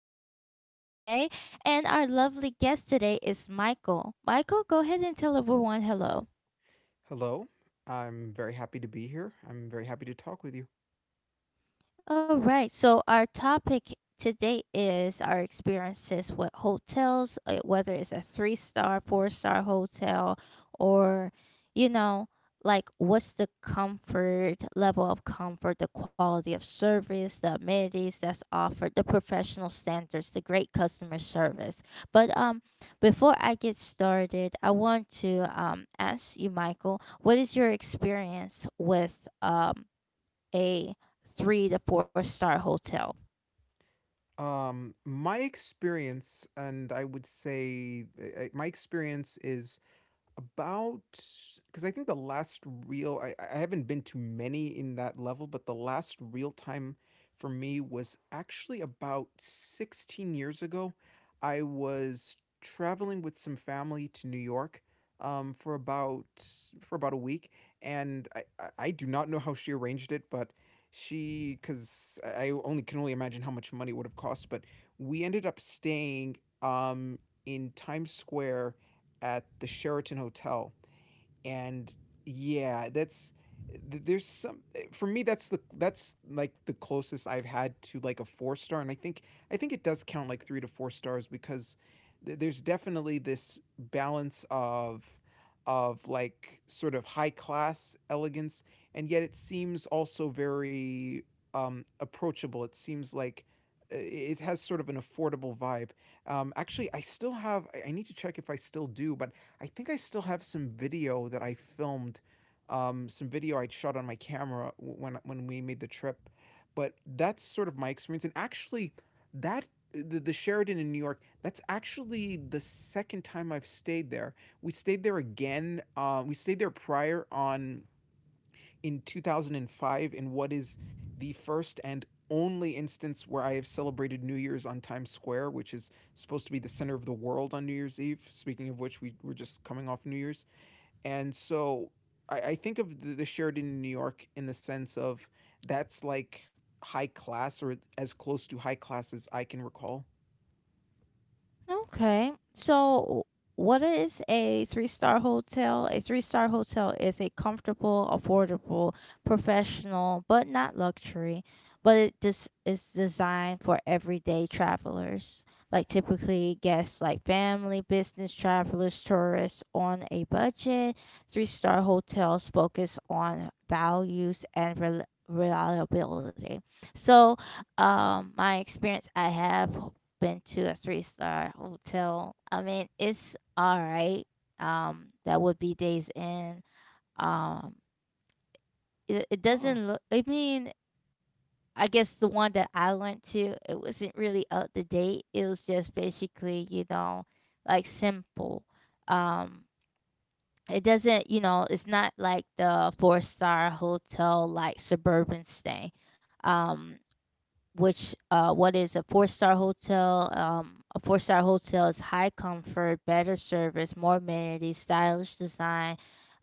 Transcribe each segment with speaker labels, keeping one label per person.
Speaker 1: always Desiree, and our lovely guest today is Michael. Michael, go ahead and tell everyone hello.
Speaker 2: Hello. I'm very happy to be here. I'm very happy to talk with you.
Speaker 1: All right. So our topic today is our experiences with hotels, whether it's a three star, four-star hotel, or you know, like what's the comfort level of comfort, the quality of service, the amenities that's offered, the professional standards, the great customer service. But Before I get started, I want to ask you, Michael, what is your experience with a three to four star hotel.
Speaker 2: My experience, and I would say my experience is about because I think the last real I haven't been to many in that level, but the last real time for me was actually about 16 years ago. I was traveling with some family to New York um, for about for about a week, and I do not know how she arranged it, but she because I only can only imagine how much money it would have cost, but we ended up staying um, in Times Square at the Sheraton Hotel, and yeah, that's there's some for me that's like the closest I've had to like a four star, and I think it does count like three to four stars because there's definitely this balance of like sort of high class elegance, and yet it seems also very approachable. It seems like it has sort of an affordable vibe. Actually, I still have. I need to check if I still do, but I think I still have some video that I filmed, some video I shot on my camera when we made the trip. But that's sort of my experience, and actually, that the Sheridan in New York, that's actually the second time I've stayed there. We stayed there again. We stayed there prior on in 2005 in what is the first and only instance where I have celebrated New Year's on Times Square, which is supposed to be the center of the world on New Year's Eve. Speaking of which, we were just coming off New Year's. And so I think of the Sheridan in New York in the sense of that's like high class or as close to high class as I can recall.
Speaker 1: Okay. So, what is a three-star hotel? A three-star hotel is a comfortable, affordable, professional, but not luxury, but it just is designed for everyday travelers, like typically guests like family, business travelers, tourists on a budget. Three-star hotels focus on values and reliability. So, my experience I have been to a three-star hotel. I mean, it's all right. That would be Days Inn. Um, it
Speaker 2: Oh.
Speaker 1: doesn't look. I mean, I guess the one that I went to, it wasn't really up to date. It was just basically, you know, like simple. Um, it doesn't, you know, it's not like the four-star hotel like suburban stay. Um, which what is a four-star hotel a four-star hotel is high comfort, better service, more amenities, stylish design.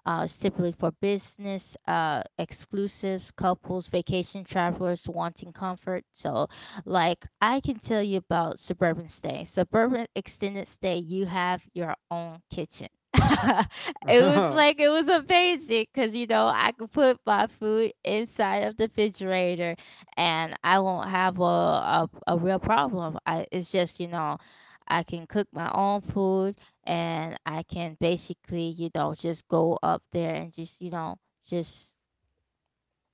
Speaker 1: It's typically for business, exclusives, couples, vacation travelers wanting comfort. So, like, I can tell you about suburban stay. Suburban extended stay, you have your own kitchen. It was like it was amazing because you know I could put my food inside of the refrigerator and I won't have a real problem. I It's just you know I can cook my own food, and I can basically, you know, just go up there and just,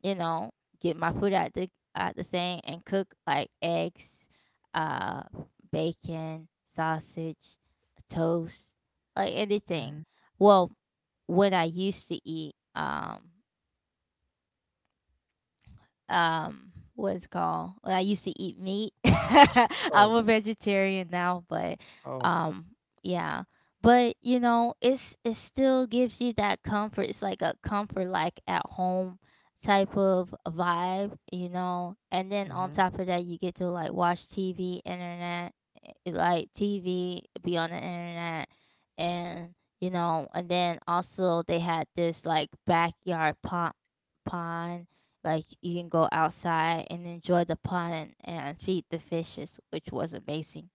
Speaker 1: you know, get my food at the thing and cook like eggs, uh bacon, sausage, toast, like anything.
Speaker 2: Hmm.
Speaker 1: Well, when I used to eat what it's called, well, I used to eat meat. I'm
Speaker 2: Oh.
Speaker 1: a vegetarian now, but,
Speaker 2: Oh.
Speaker 1: um, yeah. But, you know, it's it still gives you that comfort. It's like a comfort, like, at home type of vibe, you know? And then on
Speaker 2: Hmm.
Speaker 1: top of that, you get to, like, watch TV, internet, like, TV, be on the internet, and, you know, and then also they had this, like, backyard pond, like you can go outside and enjoy the pond and feed the fishes, which was amazing.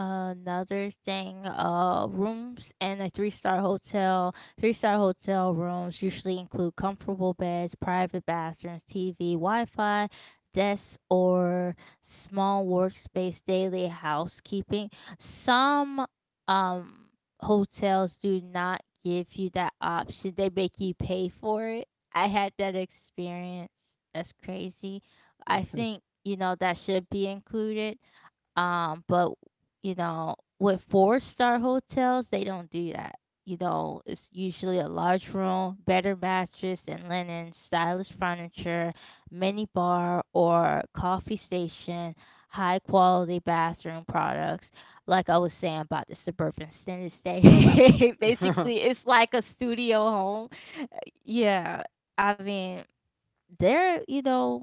Speaker 1: Another thing, rooms in a three-star hotel. Three-star hotel rooms usually include comfortable beds, private bathrooms, TV, Wi-Fi, desks, or small workspace. Daily housekeeping. Some um hotels do not give you that option. They make you pay for it. I had that experience. That's crazy. I
Speaker 2: Hmm.
Speaker 1: think you know that should be included, but you know, with four-star hotels, they don't do that. You know, it's usually a large room, better mattress and linen, stylish furniture, mini bar or coffee station, high quality bathroom products. Like I was saying about the suburban extended stay, basically, it's like a studio home. Yeah, I mean, they're you know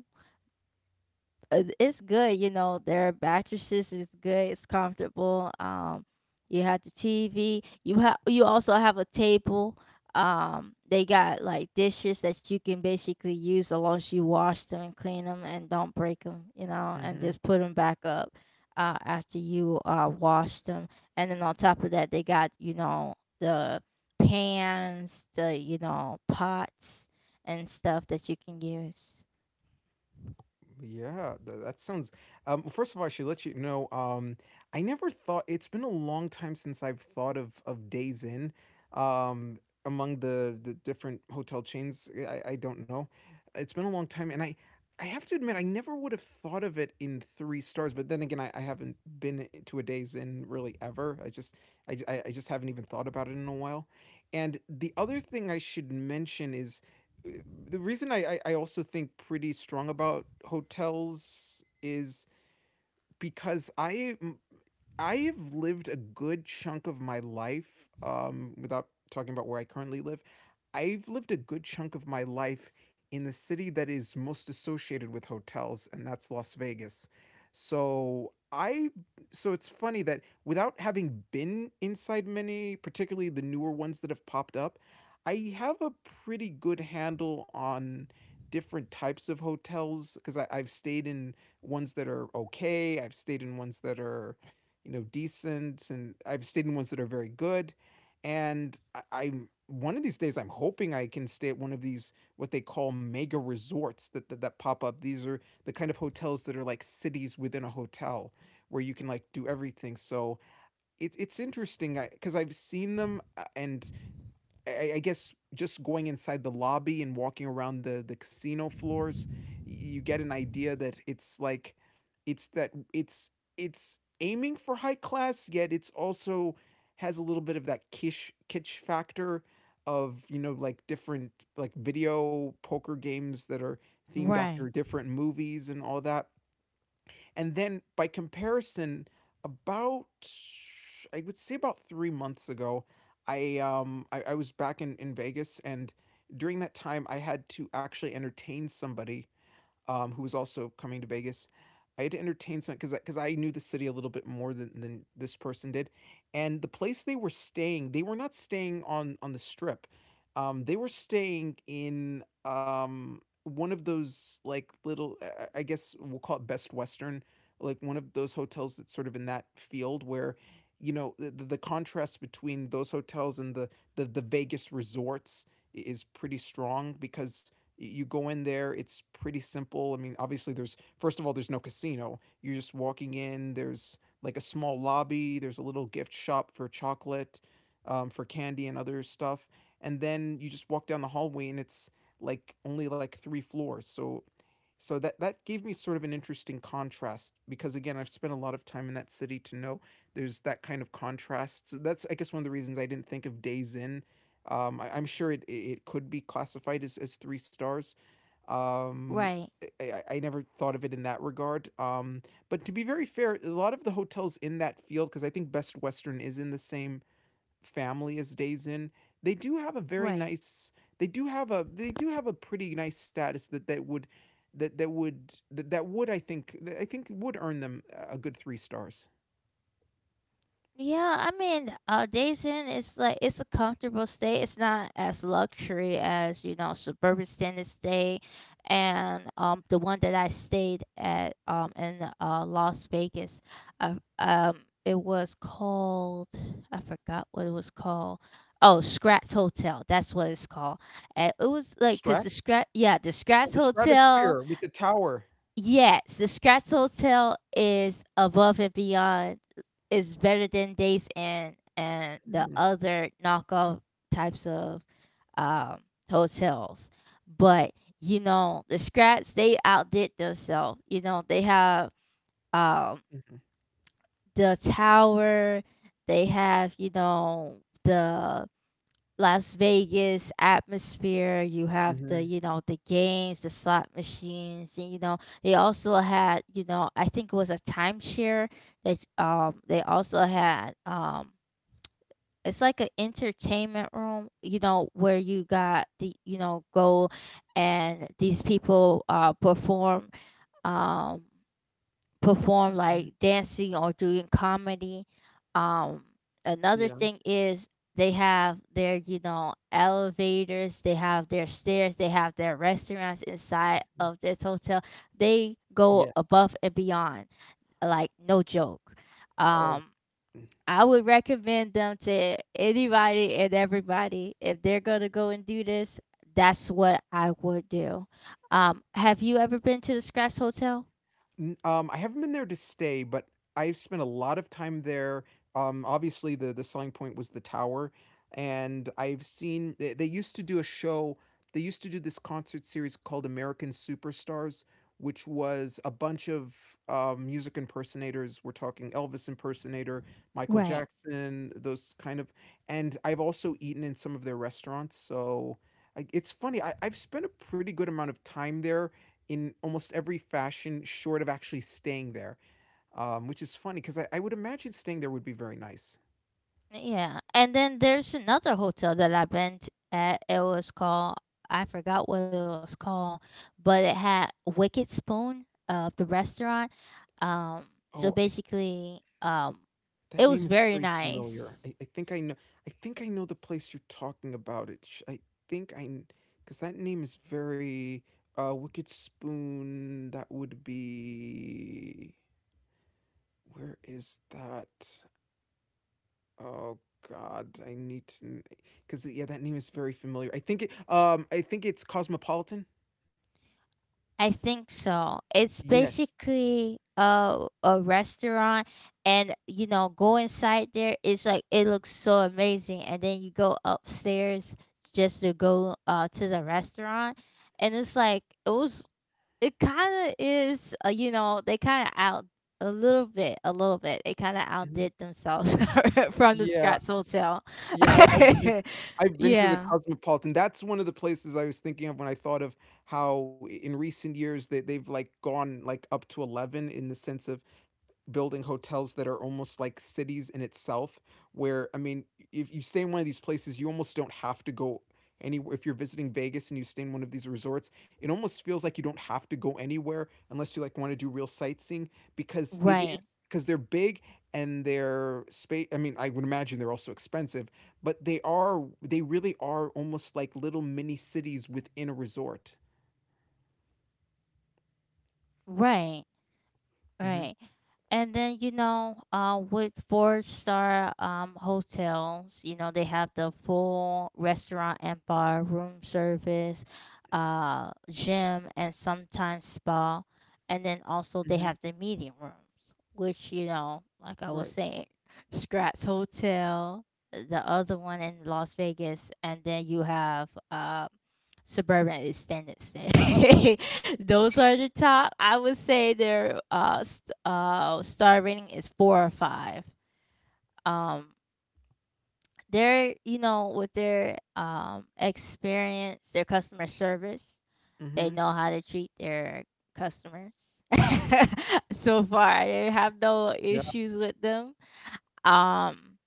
Speaker 1: it's good, you know, their mattresses is good, it's comfortable. You have the TV, you have you also have a table. They got like dishes that you can basically use as long as you wash them and clean them and don't break them, you know, and
Speaker 2: Hmm.
Speaker 1: just put them back up after you wash them. And then on top of that, they got, you know, the pans, the you know, pots and stuff that you can use.
Speaker 2: Yeah, th- that sounds. Well, first of all, I should let you know. I never thought it's been a long time since I've thought of Days Inn. Um, among the different hotel chains. I don't know. It's been a long time, and I have to admit I never would have thought of it in three stars. But then again, I haven't been to a Days Inn really ever. I just I I just haven't even thought about it in a while. And the other thing I should mention is the reason also think pretty strong about hotels is because I have lived a good chunk of my life without talking about where I currently live I've lived a good chunk of my life in the city that is most associated with hotels, and that's Las Vegas. So I so it's funny that without having been inside many, particularly the newer ones that have popped up, I have a pretty good handle on different types of hotels because I've stayed in ones that are okay, I've stayed in ones that are, you know, decent, and I've stayed in ones that are very good and I'm one of these days I'm hoping I can stay at one of these what they call mega resorts that pop up. These are the kind of hotels that are like cities within a hotel where you can like do everything. So it's interesting because I've seen them and I guess just going inside the lobby and walking around the casino floors, you get an idea that it's like, it's that it's aiming for high class, yet it's also has a little bit of that kish kitsch factor of you know like different like video poker games that are themed after
Speaker 1: Right.
Speaker 2: different movies and all that and then by comparison, about I would say about 3 months ago, I was back in Vegas and during that time I had to actually entertain somebody, who was also coming to Vegas. I had to entertain some because I knew the city a little bit more than this person did, and the place they were staying, they were not staying on the strip, they were staying in one of those like little guess we'll call it Best Western, like one of those hotels that's sort of in that field where, you know, the contrast between those hotels and the Vegas resorts is pretty strong because you go in there it's pretty simple. I mean, obviously, there's first of all there's no casino, you're just walking in. There's like a small lobby, there's a little gift shop for chocolate, for candy and other stuff, and then you just walk down the hallway and it's like only like three floors, so that that gave me sort of an interesting contrast because again I've spent a lot of time in that city to know there's that kind of contrast. So that's I guess one of the reasons I didn't think of Days In. I'm sure it it could be classified as three stars. Um,
Speaker 1: Right.
Speaker 2: I never thought of it in that regard. But to be very fair, a lot of the hotels in that field, because I think Best Western is in the same family is Days In, they do have a very
Speaker 1: Right.
Speaker 2: nice they do have a they do have a pretty nice status that that would that that would that, that would I think would earn them a good 3 stars.
Speaker 1: Yeah, I mean, Daisen is like it's a comfortable stay. It's not as luxury as you know suburban standard stay, and the one that I stayed at in Las Vegas, uh, um it was called I forgot what it was called. Oh, Scratch Hotel. That's what it's called. And it was like because the
Speaker 2: Strat?
Speaker 1: Scratch yeah the
Speaker 2: Oh, the
Speaker 1: Scratch
Speaker 2: stratosphere
Speaker 1: Hotel.
Speaker 2: with the tower.
Speaker 1: Yes, the Scratch Hotel is above and beyond. It's better than Days Inn and the
Speaker 2: Mhm.
Speaker 1: other knockoff types of, um, hotels. But you know, the Scratch they outdid themselves. You know, they have, um,
Speaker 2: Mhm.
Speaker 1: the tower. They have you know the Las Vegas atmosphere. You have the,
Speaker 2: Mhm.
Speaker 1: you know, the games, the slot machines, and you know, they also had, you know, I think it was a timeshare that they also had it's like an entertainment room, you know, where you got the you know, go and these people perform. Um Perform
Speaker 2: Mhm.
Speaker 1: like dancing or doing comedy. Um, another
Speaker 2: Yeah.
Speaker 1: thing is they have their, you know, elevators, they have their stairs, they have their restaurants inside
Speaker 2: Mhm.
Speaker 1: of this hotel. They go
Speaker 2: Yes.
Speaker 1: above and beyond, like no joke.
Speaker 2: Oh.
Speaker 1: Um, I would recommend them to anybody and everybody if they're gonna go and do this. That's what I would do. Have you ever been to the Scratch Hotel?
Speaker 2: I haven't been there to stay, but I've spent a lot of time there. Obviously, the selling point was the tower, and I've seen they used to do a show. They used to do this concert series called American Superstars, which was a bunch of music impersonators. We're talking Elvis impersonator, Michael
Speaker 1: Right.
Speaker 2: Jackson, those kind of. And I've also eaten in some of their restaurants, so. It's funny. I've spent a pretty good amount of time there in almost every fashion, short of actually staying there. Which is funny because I would imagine staying there would be very nice.
Speaker 1: Yeah, and then there's another hotel that I've been t at. It was called, I forgot what it was called, but it had Wicked Spoon, the restaurant. Um, so
Speaker 2: Oh, I,
Speaker 1: basically,
Speaker 2: that
Speaker 1: it was
Speaker 2: name is
Speaker 1: very
Speaker 2: very familiar.
Speaker 1: nice.
Speaker 2: I think I know. I think I know the place you're talking about. I think because that name is very. Wicked Spoon. That would be. Where is that? Oh God, I need to. Because yeah, that name is very familiar. I think it. I think it's Cosmopolitan.
Speaker 1: I think so. It's
Speaker 2: Yes.
Speaker 1: basically a restaurant, and you know, go inside there. It's like it looks so amazing, and then you go upstairs just to go to the restaurant and it's like it was. It kinda is, you know, they kinda out a little bit, they kinda
Speaker 2: Mhm.
Speaker 1: outdid themselves from the
Speaker 2: Yeah,
Speaker 1: Scratts Hotel.
Speaker 2: yeah, I've been to the
Speaker 1: Yeah.
Speaker 2: Cosmopolitan. That's one of the places I was thinking of when I thought of how I in recent years they've, like, gone, like, up to 11 in the sense of building hotels that are almost like cities in itself where I mean if you stay in one of these places you almost don't have to go anywhere if you're visiting Vegas and you stay in one of these resorts it almost feels like you don't have to go anywhere unless you like want to do real sightseeing because it
Speaker 1: Right,
Speaker 2: is because they're big and they're space. I mean, I would imagine they're also expensive but they are they really are almost like little mini cities within a resort.
Speaker 1: right.
Speaker 2: Mm-hmm.
Speaker 1: Right. And then, you know, with four star, hotels, you know, they have the full restaurant and bar, room service, gym, and sometimes spa. And then also they
Speaker 2: Mm-hmm.
Speaker 1: have the meeting rooms, which, you know, like I was
Speaker 2: Right.
Speaker 1: saying, Scratch Hotel, the other one in Las Vegas, and then you have Suburban Extended Stay. Those are the top. I would say their star rating is four or five. Um, they're you know with their experience, their customer service, they
Speaker 2: Mm-hmm.
Speaker 1: know how to treat their customers. So far, they have no
Speaker 2: Yeah.
Speaker 1: issues with them. Um,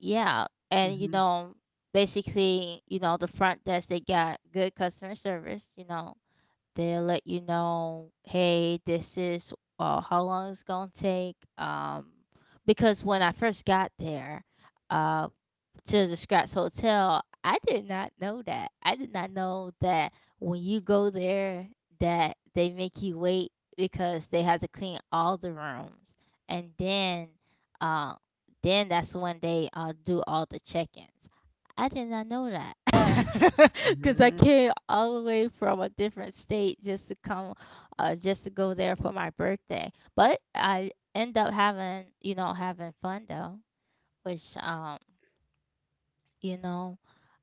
Speaker 1: yeah, and you
Speaker 2: Mm-hmm.
Speaker 1: know basically you know the front desk they got good customer service. You know they'll let you know, hey, this is how long it's gonna take. Because when I first got there, uh, to the Scratch Hotel. I did not know that. I did not know that when you go there that they make you wait because they have to clean all the rooms. And uh then that's when they do all the check-ins. I did not know that. Cuz I
Speaker 2: Mm-hmm.
Speaker 1: came all the way from a different state just to come just to go there for my birthday. But I end up having, you know, having fun though, which you know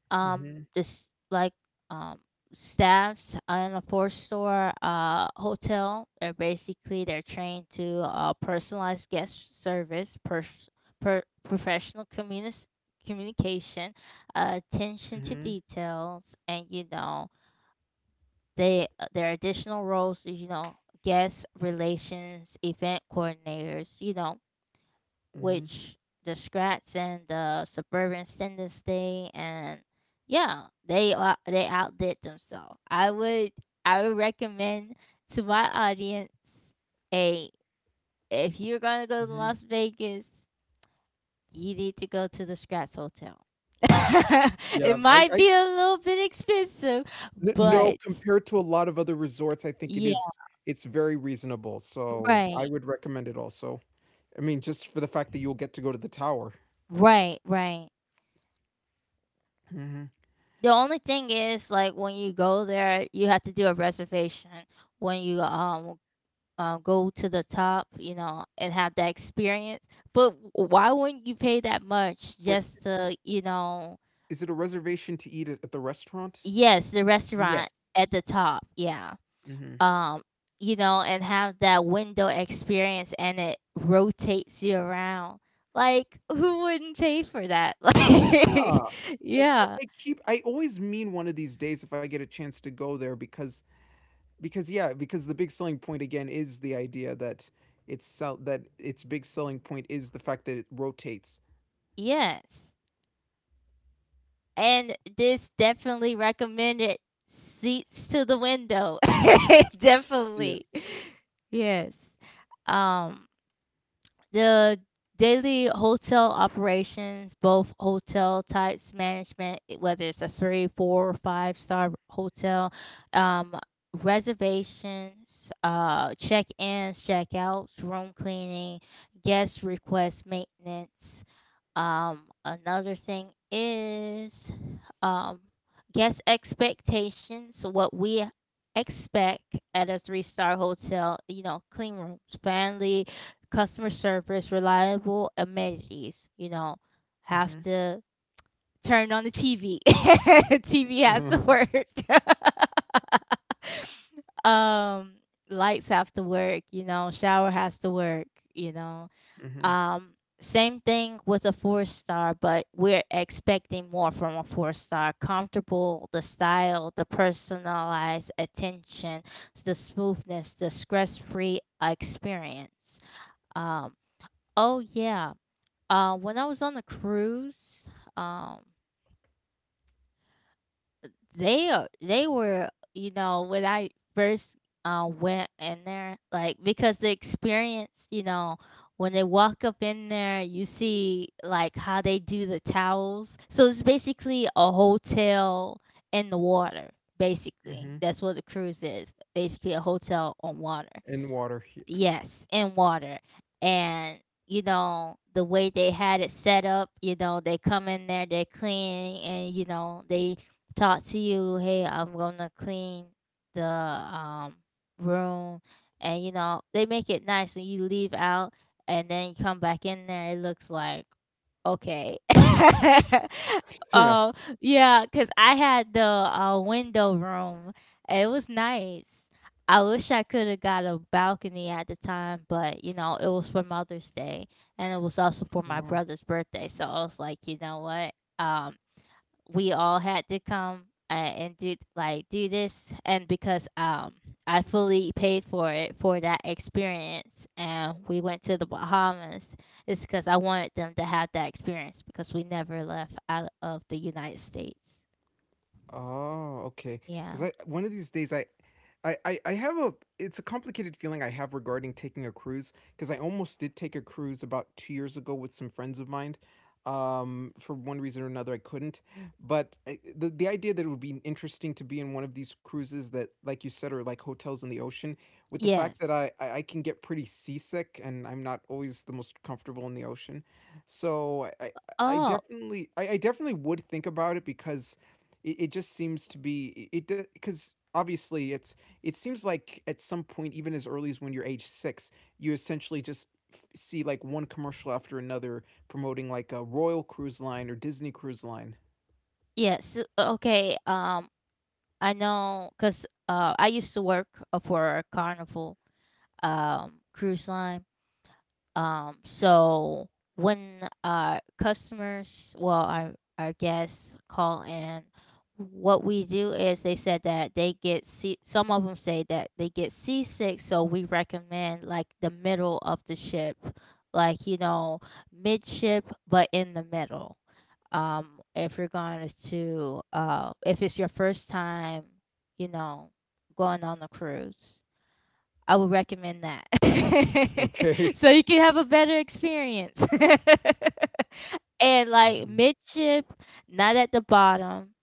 Speaker 1: um
Speaker 2: Mm-hmm.
Speaker 1: this like um staffs in a four store hotel they're basically they're trained to personalized guest service, per professional communication, attention to
Speaker 2: Mm-hmm.
Speaker 1: details, and you know they their additional roles is you know guest relations event coordinators you know
Speaker 2: Mhm.
Speaker 1: which the Strats and the Suburban Standards thing, and yeah, they outdid themselves. I would recommend to my audience a if you're gonna go to
Speaker 2: Mhm.
Speaker 1: Las Vegas, you need to go to the Strats Hotel. It
Speaker 2: Yeah,
Speaker 1: might
Speaker 2: I
Speaker 1: be a little bit expensive,
Speaker 2: n no,
Speaker 1: but
Speaker 2: compared to a lot of other resorts, I think it
Speaker 1: yeah,
Speaker 2: is it's very reasonable, so I
Speaker 1: right,
Speaker 2: would recommend it also. I mean, just for the fact that you'll get to go to the tower.
Speaker 1: right, right.
Speaker 2: Mhm.
Speaker 1: The only thing is, like, when you go there, you have to do a reservation. When you go to the top, you know, and have that experience. But why wouldn't you pay that much
Speaker 2: Wait,
Speaker 1: just to, you know,
Speaker 2: is it a reservation to eat at the restaurant?
Speaker 1: yes, the
Speaker 2: Yes.
Speaker 1: restaurant at the top, yeah.
Speaker 2: Mhm.
Speaker 1: Um, you know, and have that window experience, and it rotates you around. Like, who wouldn't pay for that?
Speaker 2: Yeah,
Speaker 1: Like,
Speaker 2: because
Speaker 1: yeah,
Speaker 2: I keep I always mean one of these days if I get a chance to go there because, yeah, because the big selling point again is the idea that it's sell that its big selling point is the fact that it rotates.
Speaker 1: yes. And this definitely recommended seats to the window. Definitely.
Speaker 2: Yes.
Speaker 1: Yes. Um, the daily hotel operations, both hotel types management, whether it's a three, four, or five-star hotel, um, reservations, check ins, check outs, room cleaning, guest request maintenance. Another thing is um guest expectations what we expect at a three-star hotel you know clean rooms friendly customer service reliable amenities you know have
Speaker 2: Mhm.
Speaker 1: to turn on the tv tv has to
Speaker 2: Mhm.
Speaker 1: work. Um, lights have to work you know shower has to work you know,
Speaker 2: Mhm.
Speaker 1: um, same thing with a four star, but we're expecting more from a four star. Comfortable, the style, the personalized attention, the smoothness, the stress free experience. Um, oh, yeah. When I was on the cruise, um, they were you know when I first went in there like because the experience. When they walk up in there, you see like how they do the towels, so it's basically a hotel in the water. Basically
Speaker 2: Mhm.
Speaker 1: that's what the cruise is, basically a hotel on water.
Speaker 2: In water, he
Speaker 1: Yes, in water. And you know, the way they had it set up, you know, they come in there, they clean, and you know, they talk to you, "Hey, I'm going to clean the room." And you know, they make it nice when you leave out, and then you come back in there, it looks like okay.
Speaker 2: Yeah.
Speaker 1: Oh, yeah, cause I had the, window room. It was nice. I wish I coulda got a balcony at the time, but, you know, it was for Mother's Day, and it was also for my
Speaker 2: Oh.
Speaker 1: brother's birthday, so I was like, "You know what? Um, we all had to come and do like do this, and because I fully paid for it for that experience, and we went to the Bahamas. It's because I wanted them to have that experience because we never left out of the United States.
Speaker 2: Oh, okay. Because
Speaker 1: Yeah.
Speaker 2: I one of these days I have a it's a complicated feeling I have regarding taking a cruise because I almost did take a cruise about 2 years ago with some friends of mine. For one reason or another, I couldn't. But the idea that it would be interesting to be in one of these cruises that, like you said, are like hotels in the ocean, with the fact
Speaker 1: Yes.
Speaker 2: that I can get pretty seasick and I'm not always the most comfortable in the ocean. So I
Speaker 1: Oh,
Speaker 2: definitely I, I definitely would think about it because it just seems to be it because obviously it seems like at some point, even as early as when you're age six, you essentially just see like one commercial after another, promoting like a Royal Cruise Line or Disney Cruise Line.
Speaker 1: yes. Okay. I know cuz I used to work for Carnival cruise line. So when customers, well, our guests call in, what we do is they said that they get sea. Some of them say that they get seasick, so we recommend like the middle of the ship, like you know, midship, but in the middle. If you're going to if it's your first time, you know, going on a cruise, I would recommend that.
Speaker 2: Okay.
Speaker 1: So you can have a better experience. And like midship, not at the bottom,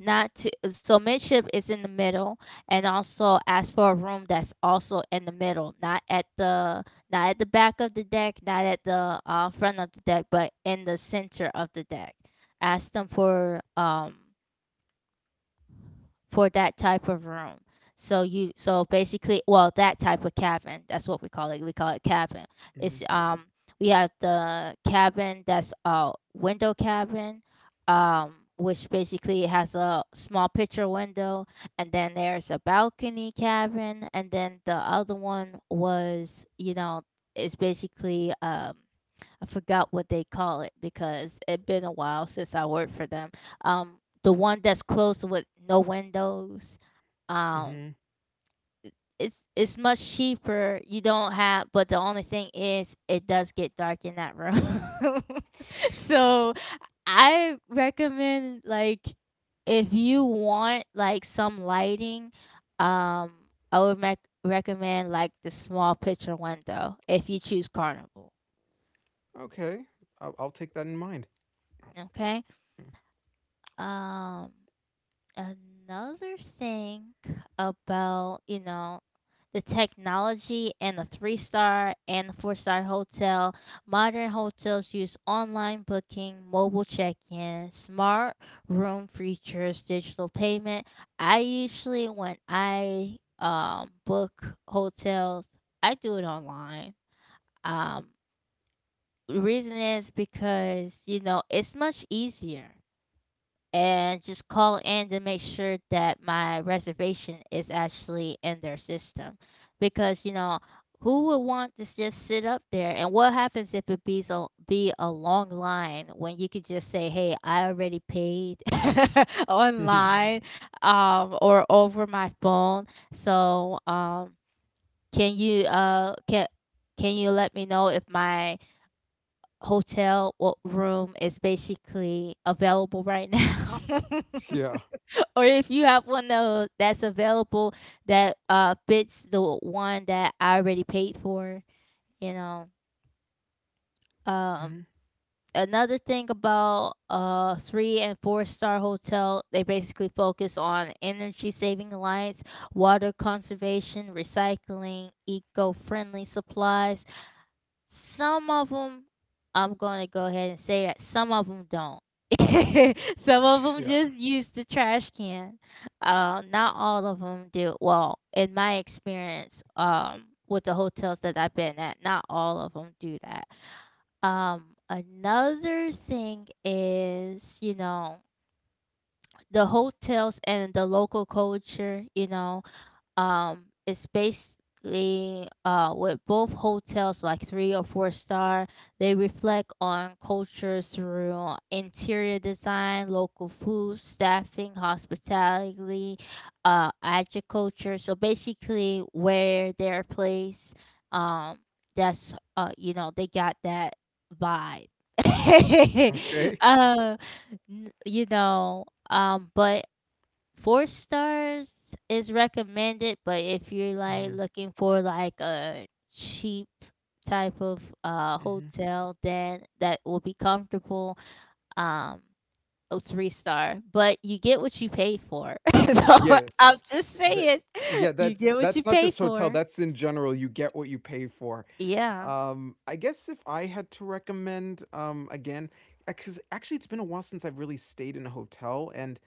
Speaker 1: not to so midship is in the middle, and also ask for a room that's also in the middle, not at the back of the deck, not at the front of the deck, but in the center of the deck. Ask them for that type of room. So basically, well, that type of cabin, that's what we call it, we call it cabin.
Speaker 2: Mhm,
Speaker 1: It's
Speaker 2: mhm,
Speaker 1: We have the cabin that's a window cabin, which basically has a small picture window, and then there's a balcony cabin, and then the other one was, you know, it's basically I forgot what they call it because it been a while since I worked for them. The one that's closed with no windows. Um,
Speaker 2: mhm.
Speaker 1: it's much cheaper. You don't have, but the only thing is, it does get dark in that room. So I recommend like if you want like some lighting, um, I would mec recommend like the small picture window if you choose Carnival.
Speaker 2: Okay. I'll take that in mind.
Speaker 1: Okay. Um Another thing about, you know, the technology and the three star and the four-star hotel, modern hotels use online booking, mobile check in, smart room features, digital payment. I usually, when I book hotels, I do it online. Um, Reason is because, you know, it's much easier, and just call in to make sure that my reservation is actually in their system, because who would want to just sit up there, and what happens if it be so be a long line when you could just say, "Hey, I already paid online or over my phone, so can you can you let me know if my hotel room is basically available right now?
Speaker 2: Yeah.
Speaker 1: Or if you have one that's available, that fits the one that I already paid for, you know." Um
Speaker 2: Mhm.
Speaker 1: Another thing about 3 and 4 star hotel, they basically focus on energy saving alliance, water conservation, recycling, eco-friendly supplies. Some of them, I'm gonna go ahead and say that some of them don't. Some of them
Speaker 2: Yeah.
Speaker 1: just use the trash can. Not all of them do. Well, in my experience, with the hotels that I've been at, not all of them do that. Another thing is, you know, the hotels and the local culture. You know, it's basically with both hotels like three or four star. They reflect on culture through interior design, local food, staffing, hospitality, agriculture. So basically, where they're placed, um, that's you know, they got that vibe.
Speaker 2: Okay.
Speaker 1: uh, you know, but four stars is recommended, but if you're like
Speaker 2: Hmm.
Speaker 1: looking for like a cheap type of
Speaker 2: Hmm.
Speaker 1: hotel, then that will be comfortable. Um, a three star, but you get what you pay for. So
Speaker 2: Yes.
Speaker 1: I'm just
Speaker 2: That
Speaker 1: saying,
Speaker 2: Yeah,
Speaker 1: you
Speaker 2: that's
Speaker 1: get what
Speaker 2: that's
Speaker 1: you
Speaker 2: not
Speaker 1: pay
Speaker 2: just hotel,
Speaker 1: for.
Speaker 2: that's in general. You get what you pay for.
Speaker 1: Yeah.
Speaker 2: I guess if I had to recommend, actually, it's been a while since I've really stayed in a hotel, and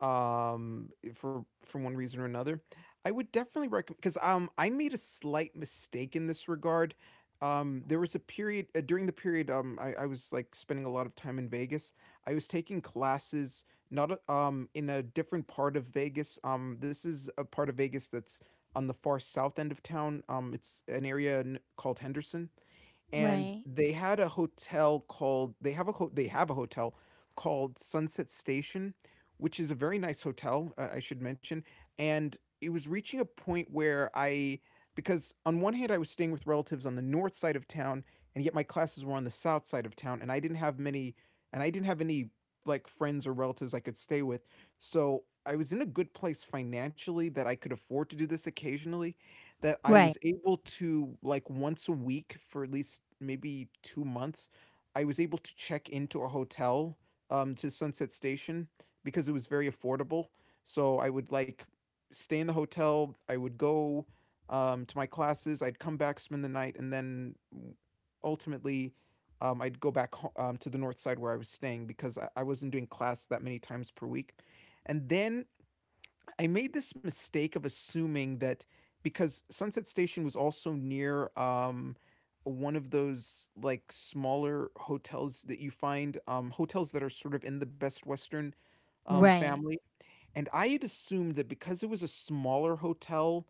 Speaker 2: for one reason or another, I would definitely recommend, because I made a slight mistake in this regard. There was a period during the period, I was like spending a lot of time in Vegas. I was taking classes not a- in a different part of Vegas. This is a part of Vegas that's on the far south end of town. It's an area called Henderson, and
Speaker 1: Right.
Speaker 2: they had a hotel called they have a hotel called Sunset Station, which is a very nice hotel, I should mention, and it was reaching a point where I, because on one hand, I was staying with relatives on the north side of town, and yet my classes were on the south side of town, and I didn't have any like friends or relatives I could stay with. So I was in a good place financially that I could afford to do this occasionally, that I was
Speaker 1: Right.
Speaker 2: able to, like once a week for at least maybe 2 months, I was able to check into a hotel, to Sunset Station, because it was very affordable. So I would like stay in the hotel, I would go, to my classes, I'd come back, spend the night, and then ultimately, I'd go back to the north side where I was staying, because I wasn't doing class that many times per week. And then I made this mistake of assuming that because Sunset Station was also near one of those like smaller hotels that you find, hotels that are sort of in the Best Western
Speaker 1: Right.
Speaker 2: family, and I had assumed that because it was a smaller hotel,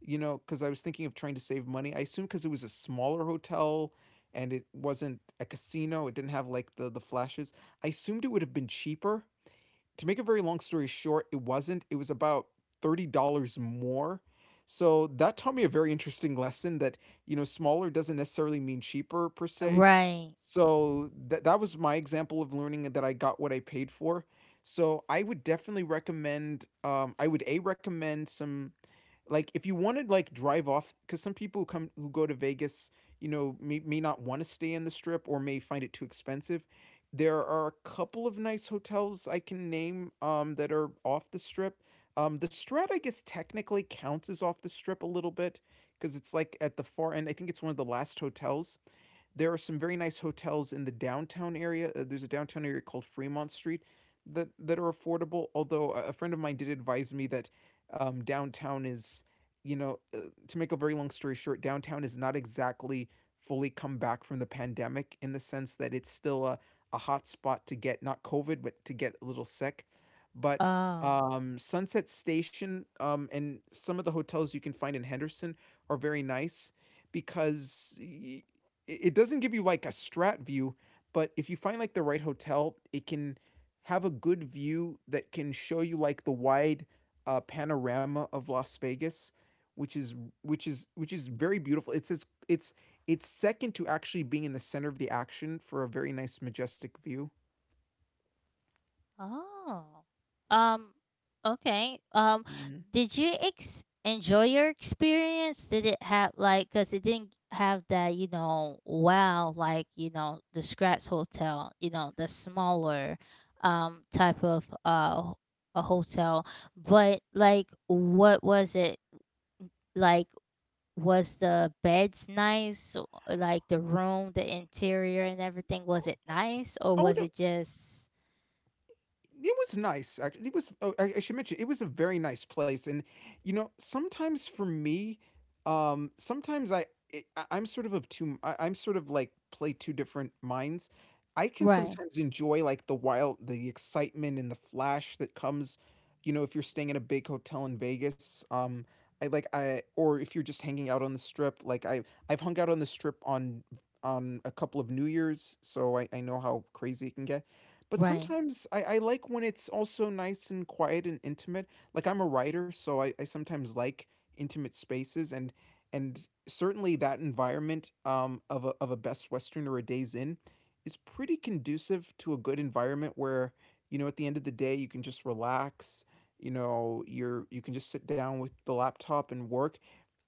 Speaker 2: you know, because I was thinking of trying to save money, I assumed because it was a smaller hotel and it wasn't a casino, it didn't have like the flashes. I assumed it would have been cheaper. To make a very long story short, it wasn't. It was about $30 more. So that taught me a very interesting lesson that, you know, smaller doesn't necessarily mean cheaper per se.
Speaker 1: Right.
Speaker 2: So that was my example of learning that I got what I paid for. So I would definitely recommend, um, I would A, recommend some, like if you want to like drive off, because some people who come who go to Vegas, you know, may not want to stay in the strip or may find it too expensive. There are a couple of nice hotels I can name, that are off the strip. Um, the Strat, I guess, technically counts as off the strip a little bit, because it's like at the far end. I think it's one of the last hotels. There are some very nice hotels in the downtown area. There's a downtown area called Fremont Street that that are affordable. Although a friend of mine did advise me that downtown is, you know, to make a very long story short, downtown is not exactly fully come back from the pandemic, in the sense that it's still a hot spot to get, not COVID, but to get a little sick. But
Speaker 1: Oh.
Speaker 2: Sunset Station and some of the hotels you can find in Henderson are very nice, because it doesn't give you like a Strat view, but if you find like the right hotel, it can have a good view that can show you like the wide, panorama of Las Vegas, which is, which is very beautiful. It's second to actually being in the center of the action for a very nice, majestic view.
Speaker 1: Oh. Um okay.
Speaker 2: Mhm.
Speaker 1: Did you enjoy your experience? Did it have like, cuz it didn't have that, you know, wow, like, you know, the Scratch Hotel, you know, the smaller type of a hotel, but like what was it like? Was the beds nice, like the room, the interior and everything, was it nice, or
Speaker 2: Oh
Speaker 1: was
Speaker 2: no,
Speaker 1: it just
Speaker 2: it was nice. Actually, it was. Oh, I should mention it was a very nice place, and you know, sometimes for me, sometimes I, I'm sort of two. I'm sort of like play two different minds. I can
Speaker 1: right,
Speaker 2: sometimes enjoy like the wild, the excitement, and the flash that comes, you know, if you're staying at a big hotel in Vegas. I like I or if you're just hanging out on the strip. I've hung out on the strip on a couple of New Years, so I know how crazy it can get, but
Speaker 1: right?
Speaker 2: sometimes I like when it's also nice and quiet and intimate. Like I'm a writer, so I sometimes like intimate spaces, and certainly that environment, of a Best Western or a Days in is pretty conducive to a good environment where you know, at the end of the day, you can just relax. You can just sit down with the laptop and work,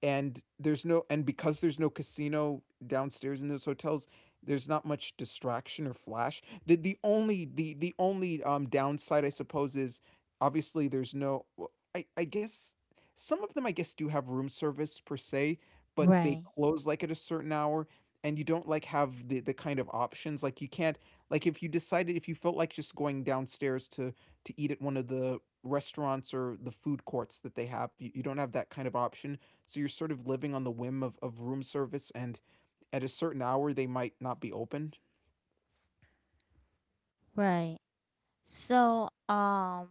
Speaker 2: and there's no and because there's no casino downstairs in those hotels, there's not much distraction or flash. The only downside, I suppose, is obviously there's no, well, I guess some of them I guess do have room service per se, but they
Speaker 1: Right,
Speaker 2: close like at a certain hour, and you don't like have the kind of options. Like you can't, like if you decided, if you felt like just going downstairs to eat at one of the restaurants or the food courts that they have, you don't have that kind of option. So you're sort of living on the whim of room service, and at a certain hour they might not be open.
Speaker 1: right. So,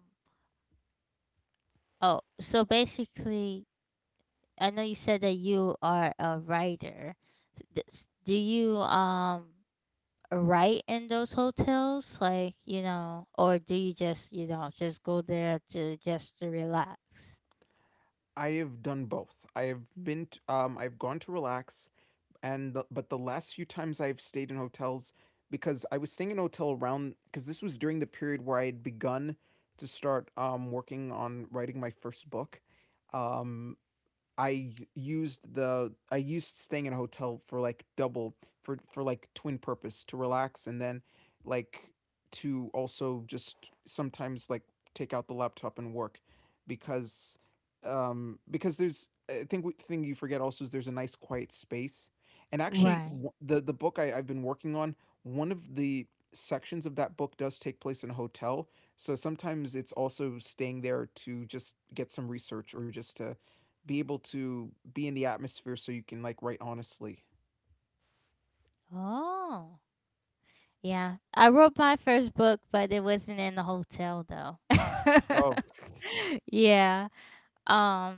Speaker 1: oh, so basically, I know you said that you are a writer. Do you write in those hotels, like you know, or do you just you know just go there to just to relax?
Speaker 2: I have done both. I have been t- I've gone to relax, and the, but the last few times I've stayed in hotels, because I was staying in a hotel around, cuz this was during the period where I had begun to start working on writing my first book. Um, I used the I used staying in a hotel for like double, for like twin purpose, to relax, and then like to also just sometimes like take out the laptop and work, because because there's, I think thing you forget also is there's a nice quiet space, and actually
Speaker 1: Right.
Speaker 2: the book I've been working on, one of the sections of that book does take place in a hotel, so sometimes it's also staying there to just get some research, or just to be able to be in the atmosphere so you can, like, write honestly.
Speaker 1: Oh, yeah. I wrote my first book, but it wasn't in a hotel though.
Speaker 2: Oh.
Speaker 1: Yeah. Um,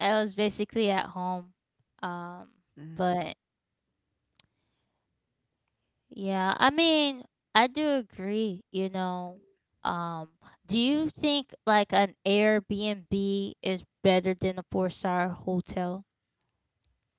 Speaker 1: I was basically at home. Um,
Speaker 2: Mhm.
Speaker 1: but yeah, I mean, I do agree, you know. Um, do you think like an Airbnb is better than a four-star hotel?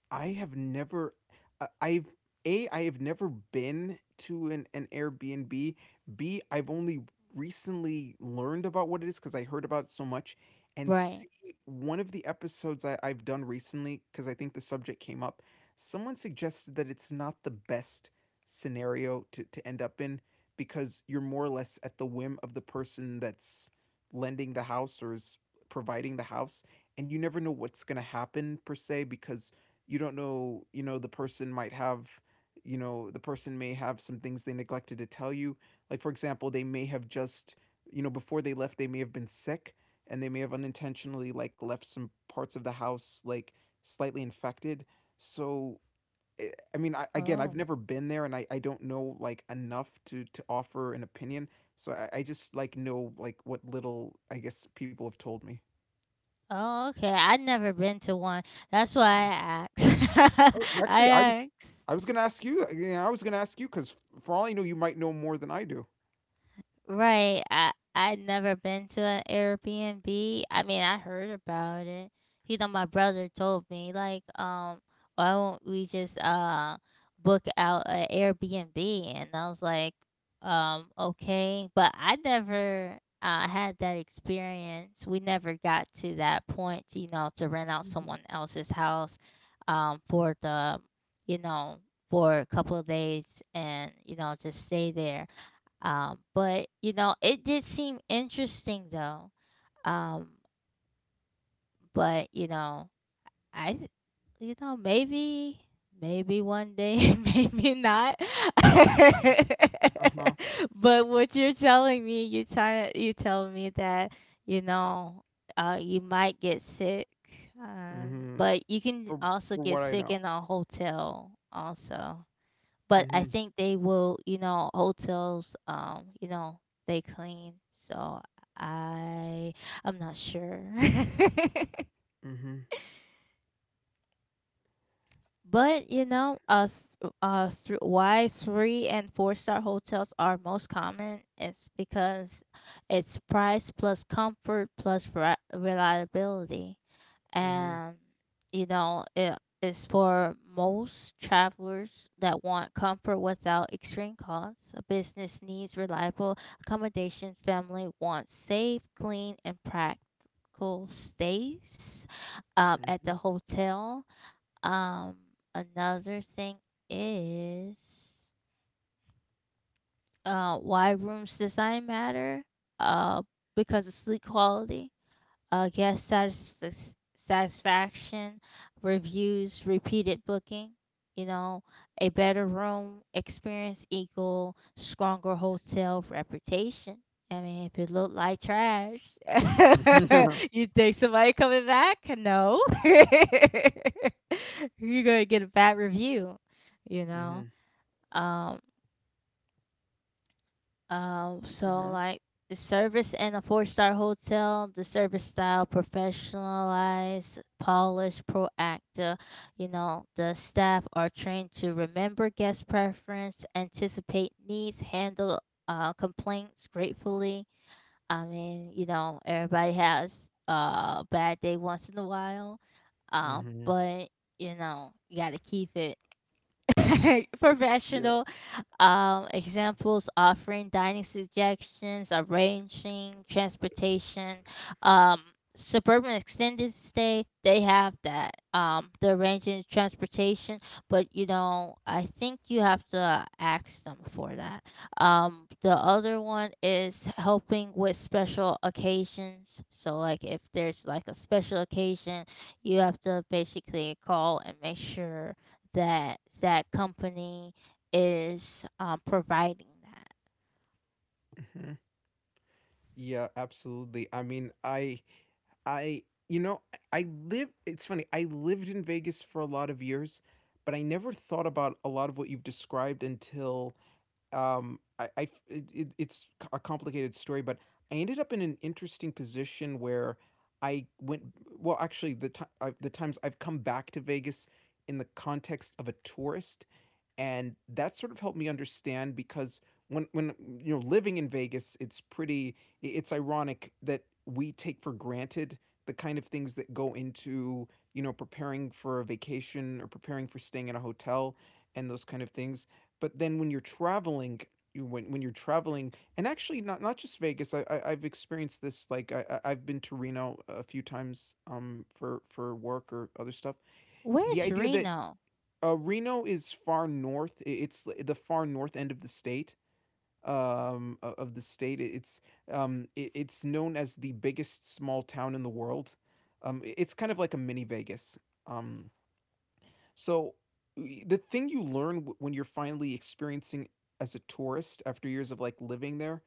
Speaker 2: I have never, I've a, I have never been to an Airbnb. B, I've only recently learned about what it is because I heard about it so much. And
Speaker 1: Right.
Speaker 2: C, one of the episodes I've done recently, because I think the subject came up. Someone suggested that it's not the best scenario to end up in, because you're more or less at the whim of the person that's lending the house or is providing the house, and you never know what's going to happen per se, because you don't know, you know, the person might have you know, the person may have some things they neglected to tell you, like for example, they may have just, you know, before they left they may have been sick, and they may have unintentionally like left some parts of the house like slightly infected. So, eh, I mean again, I've
Speaker 1: Oh.
Speaker 2: never been there, and I don't know like enough to offer an opinion. So I just like know like what little I guess people have told me.
Speaker 1: Oh, okay. I've never been to one. That's why I asked.
Speaker 2: Oh,
Speaker 1: I
Speaker 2: actually,
Speaker 1: asked.
Speaker 2: I was gonna ask you. Yeah, I was gonna ask you because, for all I know, you might know more than I do.
Speaker 1: Right. I'd never been to an Airbnb. I mean, I heard about it. You know, my brother told me like, why won't we just book out an Airbnb? And I was like, okay, but I never had that experience. We never got to that point, you know, to rent out
Speaker 2: Mhm.
Speaker 1: someone else's house, for the, you know, for a couple of days, and you know, just stay there. But you know, it did seem interesting though. Um, but you know, I, th- you know, maybe, maybe one day, maybe not.
Speaker 2: Uh-huh.
Speaker 1: But what you're telling me, you tell me that you know, you might get sick. Um,
Speaker 2: Mhm.
Speaker 1: but you can also
Speaker 2: For
Speaker 1: get
Speaker 2: what I
Speaker 1: sick
Speaker 2: know.
Speaker 1: in a hotel also. But I
Speaker 2: Mhm.
Speaker 1: think they will, you know, hotels, you know, they clean, so I I'm not sure.
Speaker 2: Mhm.
Speaker 1: But you know, why three and four star hotels are most common is because it's price plus comfort plus reliability,
Speaker 2: Mhm.
Speaker 1: and you know it is for most travelers that want comfort without extreme costs. A business needs reliable accommodation. Family wants safe, clean, and practical stays
Speaker 2: Mhm.
Speaker 1: at the
Speaker 2: Mhm.
Speaker 1: hotel. Um, Another thing is why rooms design matter. Uh, because of sleep quality, guest satisfaction, reviews, repeated booking. You know, a better room experience equal stronger hotel reputation. I mean, if it looked like trash,
Speaker 2: Mhm.
Speaker 1: you think somebody coming back? No, you're gonna get a bad review. You know, Um, so
Speaker 2: Yeah.
Speaker 1: like the service in a four-star hotel, the service style professionalized, polished, proactive. You know, the staff are trained to remember guest preference, anticipate needs, handle complaints gratefully. I mean, you know, everybody has a bad day once in a while.
Speaker 2: Mhm.
Speaker 1: But you know, you gotta keep it
Speaker 2: Yeah.
Speaker 1: professional, examples offering dining suggestions, arranging transportation, um, suburban extended stay. They have that, the arranging transportation. But you know, I think you have to ask them for that. The other one is helping with special occasions. So, like if there's like a special occasion, you have to basically call and make sure that that company is providing that.
Speaker 2: Mhm. Yeah, absolutely. I mean, I you know, I live, it's funny. I lived in Vegas for a lot of years, but I never thought about a lot of what you've described until I, it's a complicated story, but I ended up in an interesting position where I went. Well, actually, the times I've come back to Vegas in the context of a tourist, and that sort of helped me understand because when living in Vegas, it's ironic that we take for granted the kind of things that go into preparing for a vacation or preparing for staying at a hotel and those kind of things. But then when you're traveling, when you're traveling, and actually not just Vegas, I've experienced this. Like I've been to Reno a few times for work or other stuff. The
Speaker 1: Where's
Speaker 2: idea that
Speaker 1: Reno?
Speaker 2: Reno is far north. It's the far north end of the state. Of the state, um, it's known as the biggest small town in the world. It's kind of like a mini Vegas. Um, so the thing you learn when you're finally experiencing as a tourist after years of like living there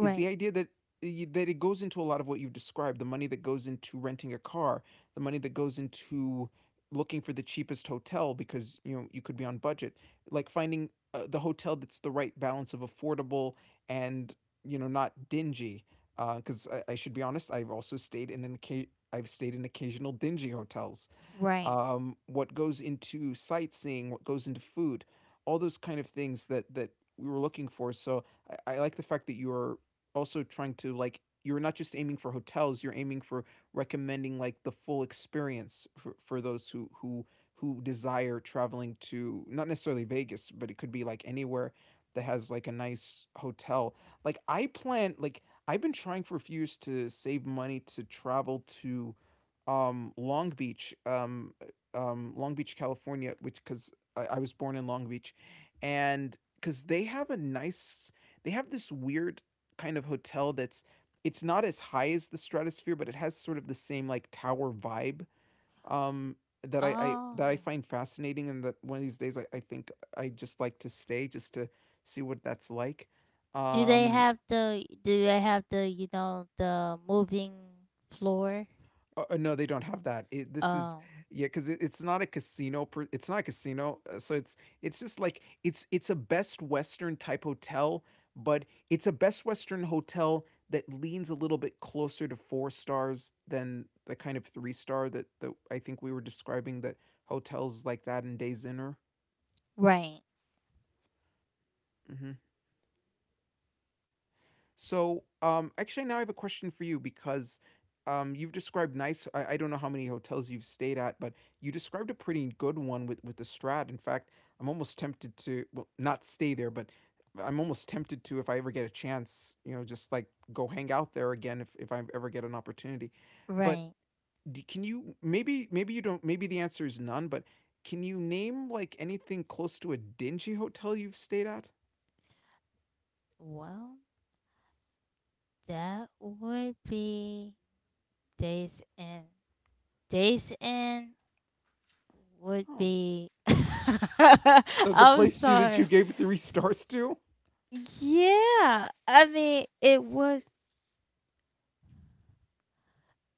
Speaker 2: is the idea that it goes into a lot of what you've described: the money that goes into renting a car, the money that goes into looking for the cheapest hotel because you could be on budget, like finding the hotel that's the right balance of affordable and not dingy. Because I should be honest, I've also stayed in an I've stayed in occasional dingy hotels,
Speaker 1: right.
Speaker 2: what goes into sightseeing, what goes into food, all those kind of things that we were looking for. So I like the fact that you are also trying to, like, you're not just aiming for hotels, you're aiming for recommending like the full experience for, those who desire traveling to not necessarily Vegas, but it could be like anywhere that has like a nice hotel. Like, I've been trying for a few years to save money to travel to Long Beach, California, which, because I was born in Long Beach, and because they have a nice, they have this weird kind of hotel that's, it's not as high as the Stratosphere, but it has sort of the same like tower vibe, um, that I
Speaker 1: Oh,
Speaker 2: find fascinating, and that one of these days I think I just like to stay, just to see what that's like.
Speaker 1: do they
Speaker 2: Um,
Speaker 1: have the you know, the moving floor?
Speaker 2: No, they don't have that. It, this is
Speaker 1: Oh,
Speaker 2: Yeah, because it's not a casino. It's not a casino. So it's just like it's a Best Western type hotel, but it's a Best Western hotel that leans a little bit closer to four stars than the kind of three star that I think we were describing, that hotels like that in Days Inn are.
Speaker 1: right,
Speaker 2: Mhm. So, actually, now I have a question for you, because you've described nice. I don't know how many hotels you've stayed at, but you described a pretty good one with the Strat. In fact, I'm almost tempted to, well, not stay there, but I'm almost tempted to, if I ever get a chance, you know, just like go hang out there again if I ever get an opportunity. But
Speaker 1: right.
Speaker 2: d can you, maybe you don't, maybe the answer is none, but can you name like anything close to a dingy hotel you've stayed at?
Speaker 1: Well, that would be Days Inn. Days Inn would
Speaker 2: Oh.
Speaker 1: be.
Speaker 2: The
Speaker 1: I'm
Speaker 2: place you that you
Speaker 1: sorry.
Speaker 2: gave three stars to?
Speaker 1: Yeah, I mean, it was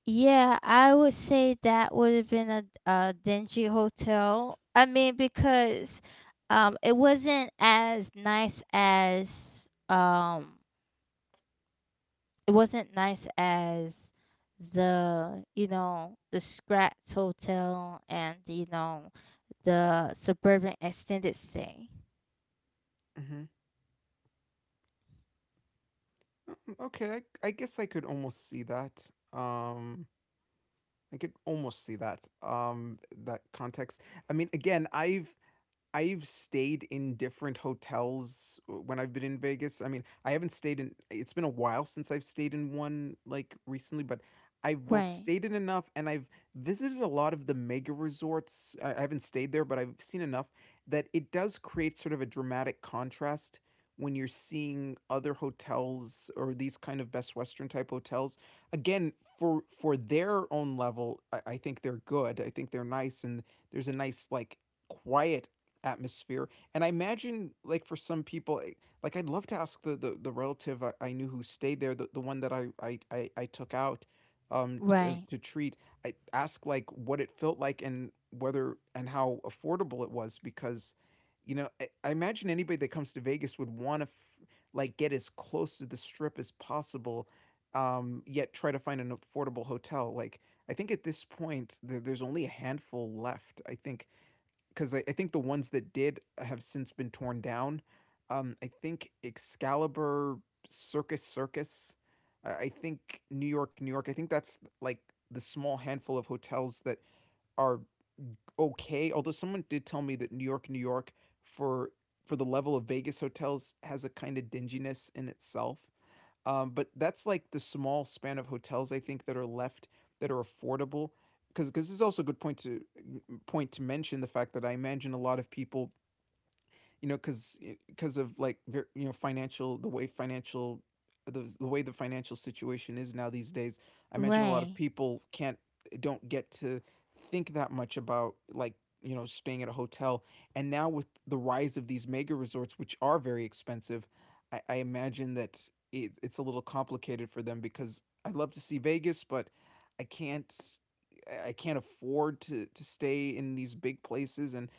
Speaker 1: yeah, I would say that would have been a dingy hotel. I mean, because it wasn't as nice as it wasn't nice as the you know the Scratch Hotel and you know the suburban extended stay.
Speaker 2: Mhm. Okay, I guess I could almost see that. I could almost see that. That context. I mean, again, I've stayed in different hotels when I've been in Vegas. I mean, I haven't stayed in it's been a while since I've stayed in one, like, recently, but I've both
Speaker 1: Right,
Speaker 2: stayed in enough, and I've visited a lot of the mega resorts. I haven't stayed there, but I've seen enough that it does create sort of a dramatic contrast when you're seeing other hotels or these kind of Best Western type hotels. Again, for their own level, I think they're good. I think they're nice, and there's a nice, like, quiet atmosphere. And I imagine, like, for some people, like, I'd love to ask the relative I knew who stayed there, the one that I took out, to,
Speaker 1: right.
Speaker 2: treat, I ask, like, what it felt like and whether and how affordable it was because, you know, I imagine anybody that comes to Vegas would want to, like, get as close to the strip as possible. Yet try to find an affordable hotel. Like I think at this point there's only a handful left. I think because I think the ones that did have since been torn down. I think Excalibur, Circus Circus, I think New York, New York. I think that's like the small handful of hotels that are okay. Although someone did tell me that New York, New York, for the level of Vegas hotels, has a kind of dinginess in itself. But that's like the small span of hotels I think that are left that are affordable. Because, cause, this is also a good point to mention the fact that I imagine a lot of people, you know, because of like financial the way the financial situation is now these days. I imagine a lot of
Speaker 1: Right,
Speaker 2: people can't, don't get to think that much about like staying at a hotel. And now with the rise of these mega resorts, which are very expensive, I imagine that it's a little complicated for them because I love to see Vegas, but I can't, I can't afford to stay in these big places, and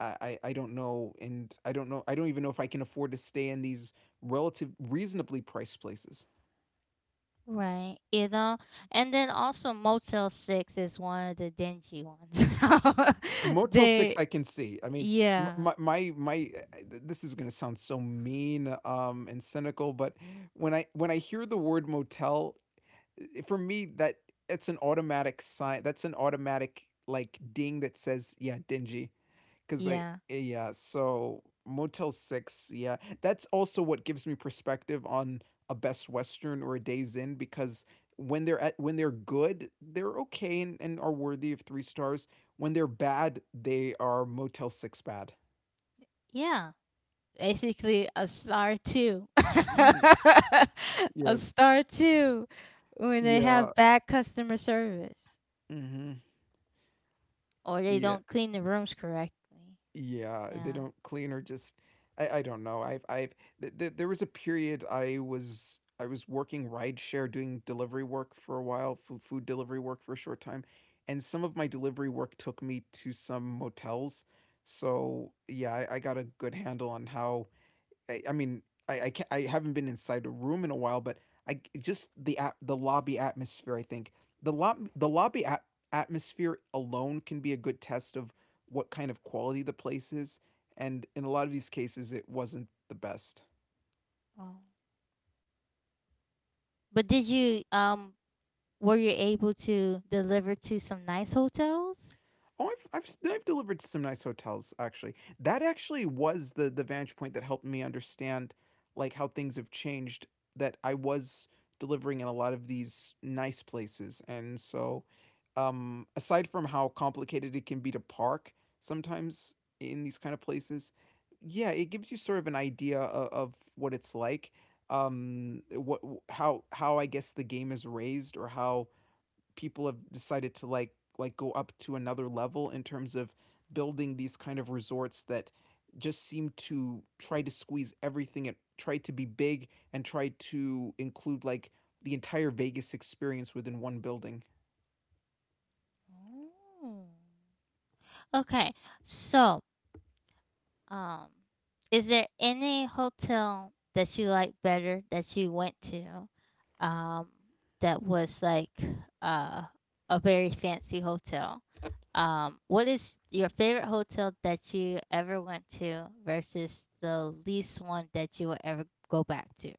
Speaker 2: I don't know, and I don't know. I don't even know if I can afford to stay in these relative reasonably priced places.
Speaker 1: right. You know, and then also Motel Six is one of the dingy ones.
Speaker 2: Motel 6,
Speaker 1: They,
Speaker 2: I can see. I mean,
Speaker 1: yeah,
Speaker 2: This is gonna sound so mean and cynical, but when I hear the word motel, for me that it's an automatic sign. That's an automatic like ding that says, yeah, dingy. Because
Speaker 1: yeah,
Speaker 2: yeah, so Motel 6, yeah. That's also what gives me perspective on a Best Western or a Days Inn because when they're good, they're okay, and are worthy of three stars. When they're bad, they are Motel 6 bad.
Speaker 1: yeah. Basically, a star two,
Speaker 2: Mhm.
Speaker 1: a
Speaker 2: Yes.
Speaker 1: star two, when they
Speaker 2: Yeah.
Speaker 1: have bad customer service,
Speaker 2: hmm
Speaker 1: or they don't clean the rooms correctly.
Speaker 2: Yeah, they
Speaker 1: Yeah.
Speaker 2: don't clean, or just, I don't know. There was a period I was working rideshare, doing delivery work for a while, food delivery work for a short time, and some of my delivery work took me to some motels. So yeah, I got a good handle on how, I mean, can't, I haven't been inside a room in a while, but I just the lobby atmosphere. I think the atmosphere alone can be a good test of what kind of quality the place is, and in a lot of these cases, it wasn't the best.
Speaker 1: Oh. But did you were you able to deliver to some nice hotels?
Speaker 2: Oh, I've have I I've delivered to some nice hotels, actually. That actually was the vantage point that helped me understand like how things have changed. That I was delivering in a lot of these nice places, and so, aside from how complicated it can be to park sometimes in these kind of places, yeah, it gives you sort of an idea of what it's like. What, how I guess the game is raised, or how people have decided to like, go up to another level in terms of building these kind of resorts that just seem to try to squeeze everything and try to be big and try to include like the entire Vegas experience within one building.
Speaker 1: Oh. Okay. So, um, is there any hotel that you like better that you went to, um, that was like uh a very fancy hotel? What is your favorite hotel that you ever went to versus the least one that you will ever go back to?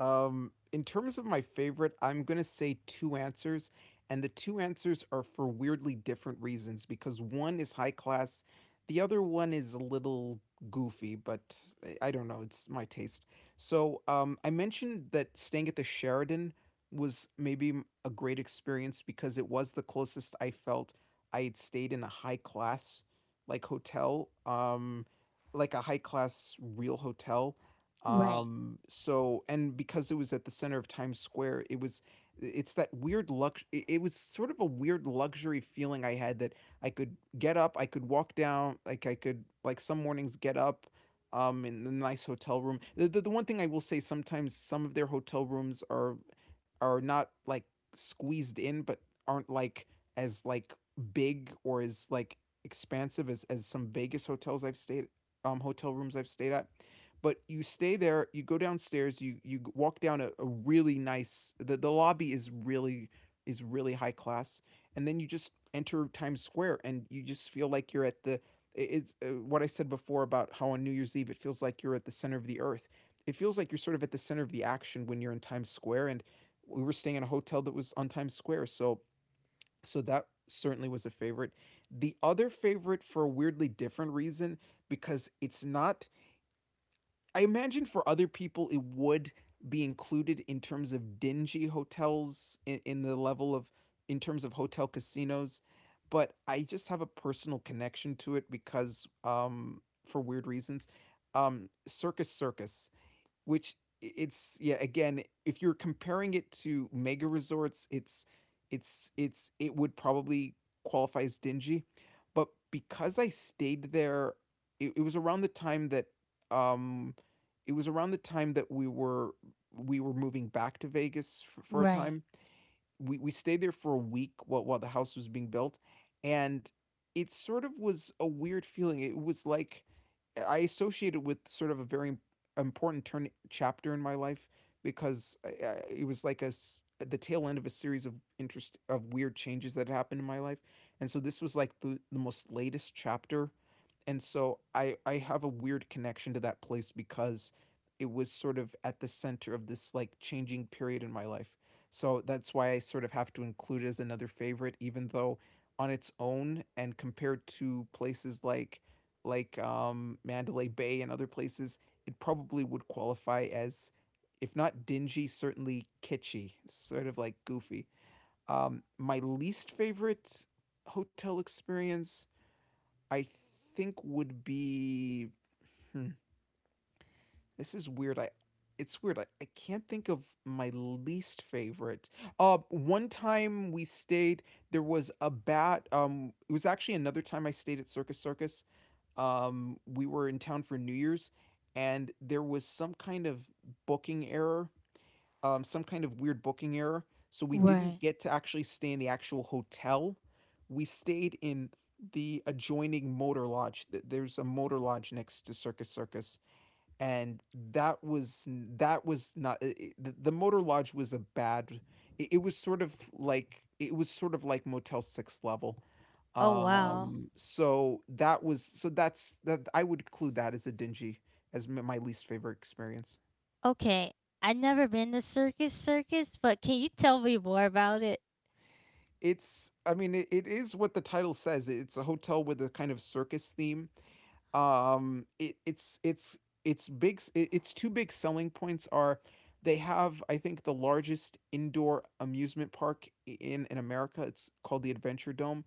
Speaker 2: In terms of my favorite, I'm going to say two answers. And the two answers are for weirdly different reasons because one is high class, the other one is a little goofy, but, I don't know, it's my taste. So, I mentioned that staying at the Sheraton was maybe a great experience because it was the closest I felt I had stayed in a high class like hotel, like a high class real hotel,
Speaker 1: Right,
Speaker 2: so, and because it was at the center of Times Square, it was, it was sort of a weird luxury feeling I had, that I could get up, I could walk down, like I could like some mornings get up in the nice hotel room. The one thing I will say, sometimes some of their hotel rooms are not like squeezed in, but aren't like as like big or as expansive as some Vegas hotels I've stayed hotel rooms I've stayed at. But you stay there, you go downstairs, you walk down a, really nice, the lobby is really high class. And then you just enter Times Square, and you just feel like you're at the it's what I said before about how on New Year's Eve it feels like you're at the center of the earth. It feels like you're sort of at the center of the action when you're in Times Square, and we were staying in a hotel that was on Times Square. So so that certainly was a favorite. The other favorite, for a weirdly different reason, because it's not, I imagine for other people it would be included in terms of dingy hotels, in the level of, in terms of hotel casinos, but I just have a personal connection to it because, for weird reasons. Circus Circus, which, it's, yeah, again, if you're comparing it to mega resorts, it's it would probably qualify as dingy. But because I stayed there, it was around the time that, um it was around the time that we were moving back to Vegas for, a
Speaker 1: right,
Speaker 2: time. We stayed there for a week while, the house was being built. And it sort of was a weird feeling. It was like I associated with sort of a very important turn chapter in my life, because it was like the tail end of a series of interest of weird changes that had happened in my life. And so this was like the most latest chapter. And so I have a weird connection to that place because it was sort of at the center of this like changing period in my life. So that's why I sort of have to include it as another favorite, even though on its own and compared to places like Mandalay Bay and other places, it probably would qualify as, if not dingy, certainly kitschy, sort of like goofy. My least favorite hotel experience, I think would be, hmm, this is weird. I It's weird. I can't think of my least favorite. One time we stayed, there was a bat. It was actually another time I stayed at Circus Circus. We were in town for New Year's, and there was some kind of booking error, some kind of weird booking error, so we didn't
Speaker 1: right.
Speaker 2: get to actually stay in the actual hotel. We stayed in the adjoining motor lodge. There's a motor lodge next to Circus Circus, and that was not the motor lodge was a bad. It was sort of like, it was sort of like Motel Six level.
Speaker 1: Oh wow.
Speaker 2: So that was, that's, that I would include that as a dingy, as my least favorite experience.
Speaker 1: Okay. I never been to Circus Circus, but can you tell me more about it?
Speaker 2: It's, I mean, it is what the title says. It's a hotel with a kind of circus theme. It, it's big. It's two big selling points are, they have, I think, the largest indoor amusement park in America. It's called the Adventure Dome,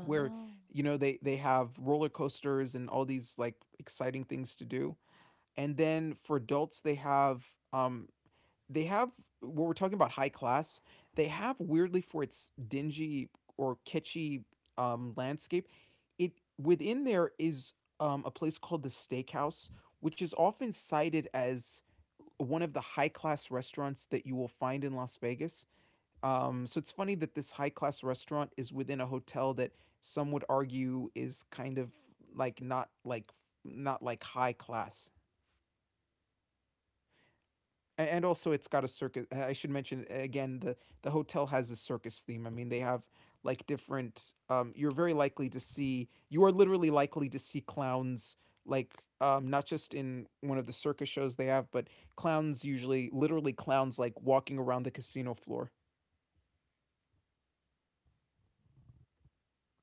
Speaker 2: where, you know, they have roller coasters and all these like exciting things to do. And then for adults they have, um they have what we're talking about, high class. They have, weirdly for its dingy or kitschy, landscape, it within there is, a place called the Steakhouse, which is often cited as one of the high class restaurants that you will find in Las Vegas. So it's funny that this high class restaurant is within a hotel that some would argue is kind of not like, not like high class. And also it's got a circus, I should mention, again, the hotel has a circus theme. I mean, they have like different, you're very likely to see, you are literally likely to see clowns, like, not just in one of the circus shows they have, but clowns, usually literally clowns, like walking around the casino floor.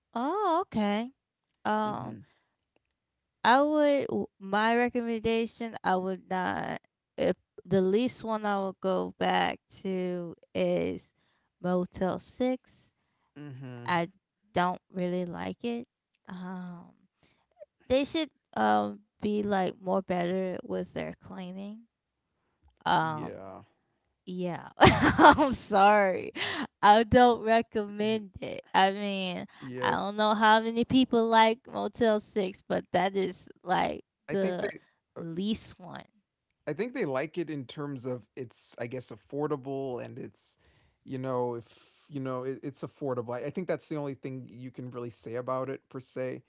Speaker 1: Oh, okay. Um,
Speaker 2: Mhm.
Speaker 1: I would my recommendation I would not, if the least one I would go back to is Motel 6.
Speaker 2: Mhm.
Speaker 1: I don't really like it. Um, they should be like more better with their cleaning. Um,
Speaker 2: Yeah.
Speaker 1: Yeah, I'm sorry. I don't
Speaker 2: Mhm.
Speaker 1: recommend it. I mean, I
Speaker 2: Yes.
Speaker 1: don't know how many people like Motel 6, but that is like
Speaker 2: i think they
Speaker 1: the least one.
Speaker 2: I think they like it, in terms of, it's, I guess, affordable, and it's, you know, if, you know, it's affordable. I think that's the only thing you can really say about it, per se.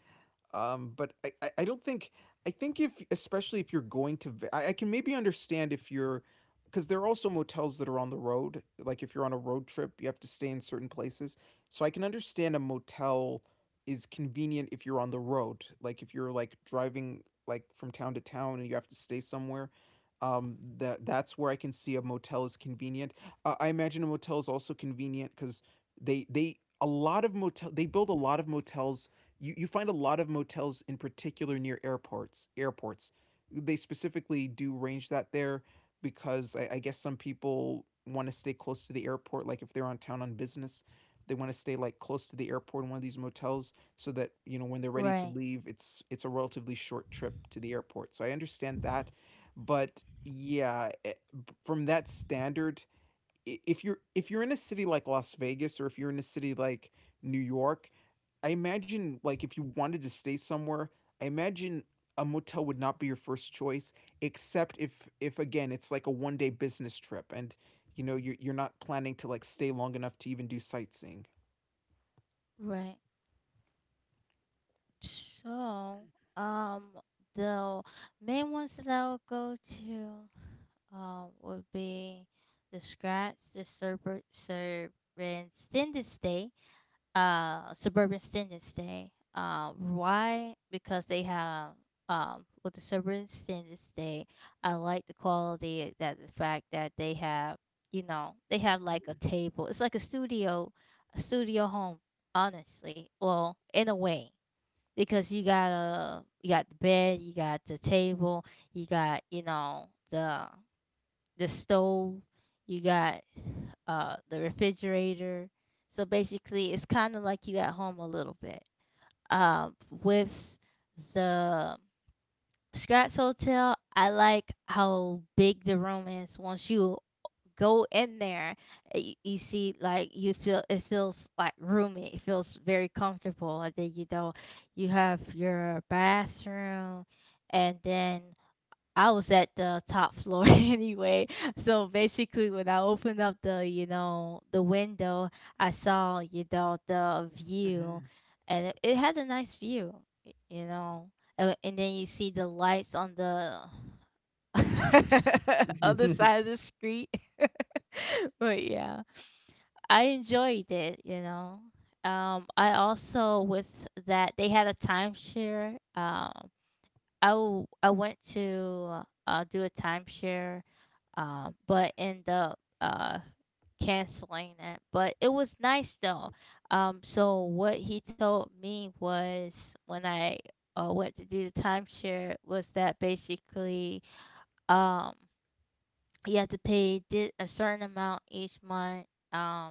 Speaker 2: But I don't think, I think, if, especially if you're going to, I can maybe understand if you're, because there are also motels that are on the road. Like if you're on a road trip, you have to stay in certain places. So I can understand a motel is convenient if you're on the road. Like if you're like driving like from town to town and you have to stay somewhere. That, that's where I can see a motel is convenient. I imagine a motel is also convenient because they, a lot of motel, they build a lot of motels, you, find a lot of motels in particular near airports, they specifically do range that there, because I guess some people want to stay close to the airport, like if they're on town on business, they want to stay like close to the airport in one of these motels, so that, you know, when they're ready to
Speaker 1: Right,
Speaker 2: leave, it's a relatively short trip to the airport. So I understand that. But yeah, from that standard, if you're, if you're in a city like Las Vegas, or if you're in a city like New York, I imagine like if you wanted to stay somewhere, I imagine a motel would not be your first choice, except if, again, it's like a one day business trip, and you know, you're not planning to like stay long enough to even do sightseeing.
Speaker 1: right. So, um, the main ones that I would go to, would be the Scratch, the Serpent, Serpent, Extended Stay. Suburban standards day. Why? Because they have, with the suburban standards day, I like the quality, that the fact that they have, you know, they have like a table. It's like a studio home. Honestly, well, in a way, because you got a you got the bed, you got the table, you got, you know, the stove, you got the refrigerator. So basically, it's kind of like you at home a little bit. With the Scratch Hotel, I like how big the room is. Once you go in there, you see, like, you feel, it feels like roomy. It feels very comfortable. And then, you know, you have your bathroom, and then I was at the top floor anyway. So basically, when I opened up the, you know, the window, I saw, you know, the view, and it had a nice view, you know. And then you see the lights on the other
Speaker 2: Hmm.
Speaker 1: side of the street. But yeah, I enjoyed it, you know. I also, with that they had a timeshare. I went to do a timeshare, but end up canceling it. But it was nice though. So what he told me was, when I went to do the timeshare, was that basically, um, you have to pay a certain amount each month, um,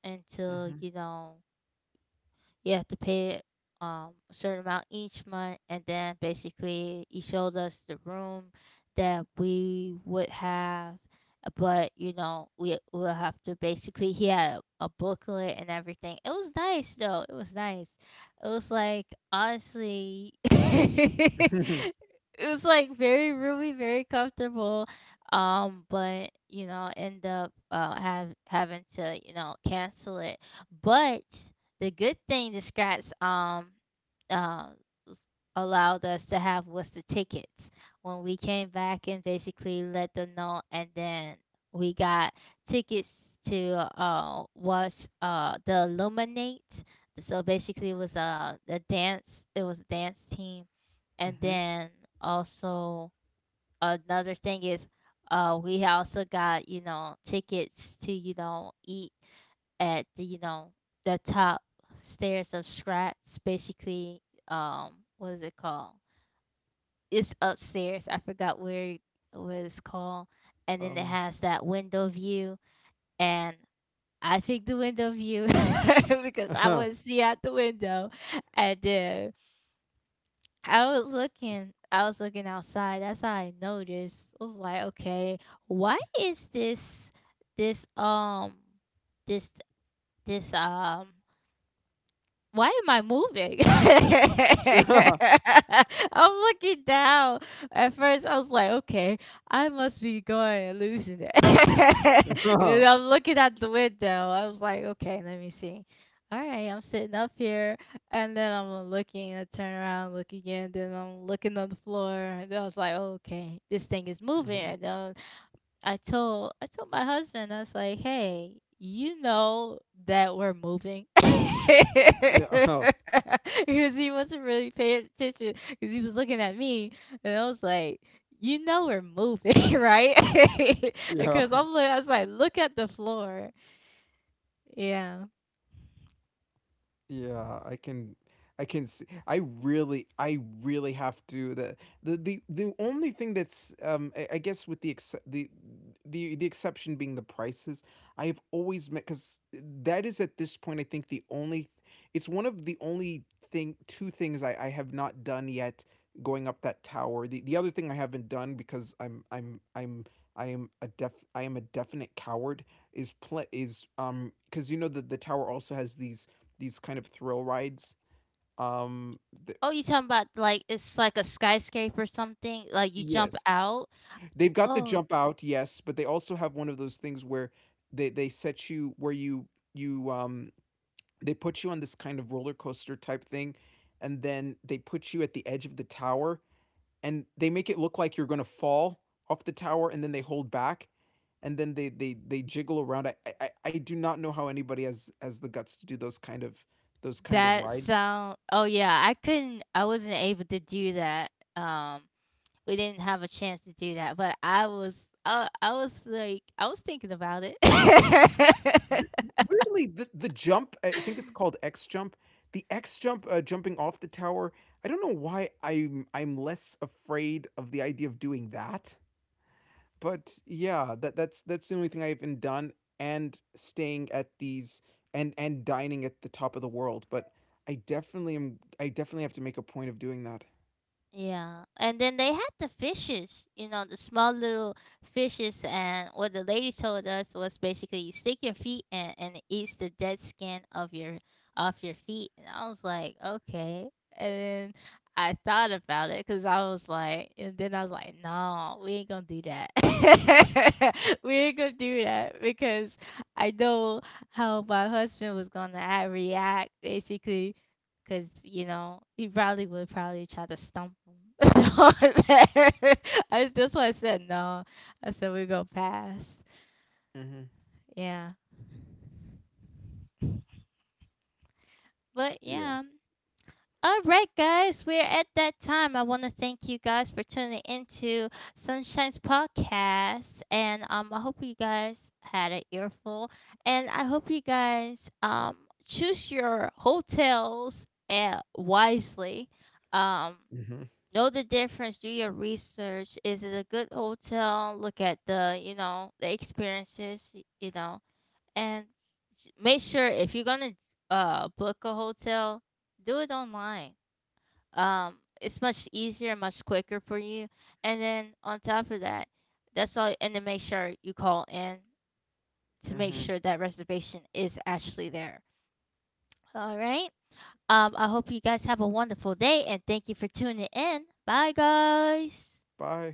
Speaker 1: until,
Speaker 2: Hmm.
Speaker 1: you know, you have to pay a certain amount each month, and then basically he showed us the room that we would have, but you know we will have to, basically he had a booklet and everything. It was nice though. It was nice. It was like, honestly it
Speaker 2: Mhm.
Speaker 1: was like very roomy, very comfortable. But you know, end up have having to, you know, cancel it. But the good thing the Scrats uh, allowed us to have was the tickets when we came back and basically let them know, and then we got tickets to watch the Illuminate. So basically, it was a dance. It was a dance team, and
Speaker 2: Mhm.
Speaker 1: then also another thing is, we also got, you know, tickets to, you know, eat at the, you know, the top stairs of Scratch. Basically, what is it called? It's upstairs. I forgot where what it's called. And then it
Speaker 2: Um.
Speaker 1: has that window view, and I picked the window view because I would see out the window, and then I was looking. I was looking outside. That's how I noticed. I was like, okay, why is this, this um this this um why am I moving? I'm looking down. At first, I was like, okay, I must be going hallucinating.
Speaker 2: Uh-huh.
Speaker 1: And
Speaker 2: Huh.
Speaker 1: I'm looking out the window. I was like, okay, let me see. All right, I'm sitting up here, and then I'm looking. I turn around, look again, then I'm looking on the floor. And then I was like, okay, this thing is moving. And then I told my husband, I was like, "Hey, you know that we're moving."
Speaker 2: Yeah.
Speaker 1: Because he wasn't really paying attention because he was looking at me, and I was like, "You know we're moving, right?"
Speaker 2: Yeah.
Speaker 1: Because I'm like, I was like, "Look at the floor." Yeah.
Speaker 2: Yeah, I can, I can see, I really, I really have to the, the only thing that's, I guess with the exception being the prices, I have always met. Because that is, at this point, I think the only, it's one of the only thing two things I have not done yet, going up that tower. The other thing I haven't done, because I'm, I am a definite coward, is play is, because you know that the tower also has these kind of thrill rides. Um, th
Speaker 1: Oh, you talking about like it's like a skyscraper or something? Like you jump
Speaker 2: Yes,
Speaker 1: out?
Speaker 2: they've got the
Speaker 1: Oh,
Speaker 2: jump out, yes, but they also have one of those things where they set you, where you, you um they put you on this kind of roller coaster type thing, and then they put you at the edge of the tower, and they make it look like you're gonna fall off the tower, and then they hold back, and then they jiggle around. I do not know how anybody has the guts to do those kind of, those kind of
Speaker 1: that
Speaker 2: rides.
Speaker 1: sound. Oh yeah, I couldn't. I wasn't able to do that. Um, We didn't have a chance to do that, but I was like, I was thinking about it.
Speaker 2: Weirdly, the jump, I think it's called X jump. The X jump, jumping off the tower, I don't know why I'm less afraid of the idea of doing that, but yeah, that's the only thing I've been done, and staying at these, and dining at the top of the world. But I definitely am. I definitely have to make a point of doing that.
Speaker 1: Yeah, and then they had the fishes, you know, the small little fishes, and what the lady told us was basically stick your feet in and it eats the dead skin of your off your feet, and I was like, okay, and then I thought about it, because I was like, and then I was like, no, we ain't gonna do that, we ain't gonna do that, because I know how my husband was gonna act, react basically. Cause you know he probably would probably try to stump him on that. I, that's why I said no. I said we go past.
Speaker 2: Mhm.
Speaker 1: Yeah, but
Speaker 2: Yeah.
Speaker 1: yeah. All right, guys, we're at that time. I want to thank you guys for tuning into Sunshine's podcast, and I hope you guys had an earful, and I hope you guys choose your hotels wisely. Um,
Speaker 2: Mhm.
Speaker 1: Know the difference. Do your research. Is it a good hotel? Look at the, you know, the experiences, you know, and make sure if you're gonna book a hotel, do it online. It's much easier, much quicker for you. And then on top of that, that's all. And then make sure you call in to make
Speaker 2: Mhm.
Speaker 1: sure that reservation is actually there. All right. I hope you guys have a wonderful day, and thank you for tuning in. Bye, guys.
Speaker 2: Bye.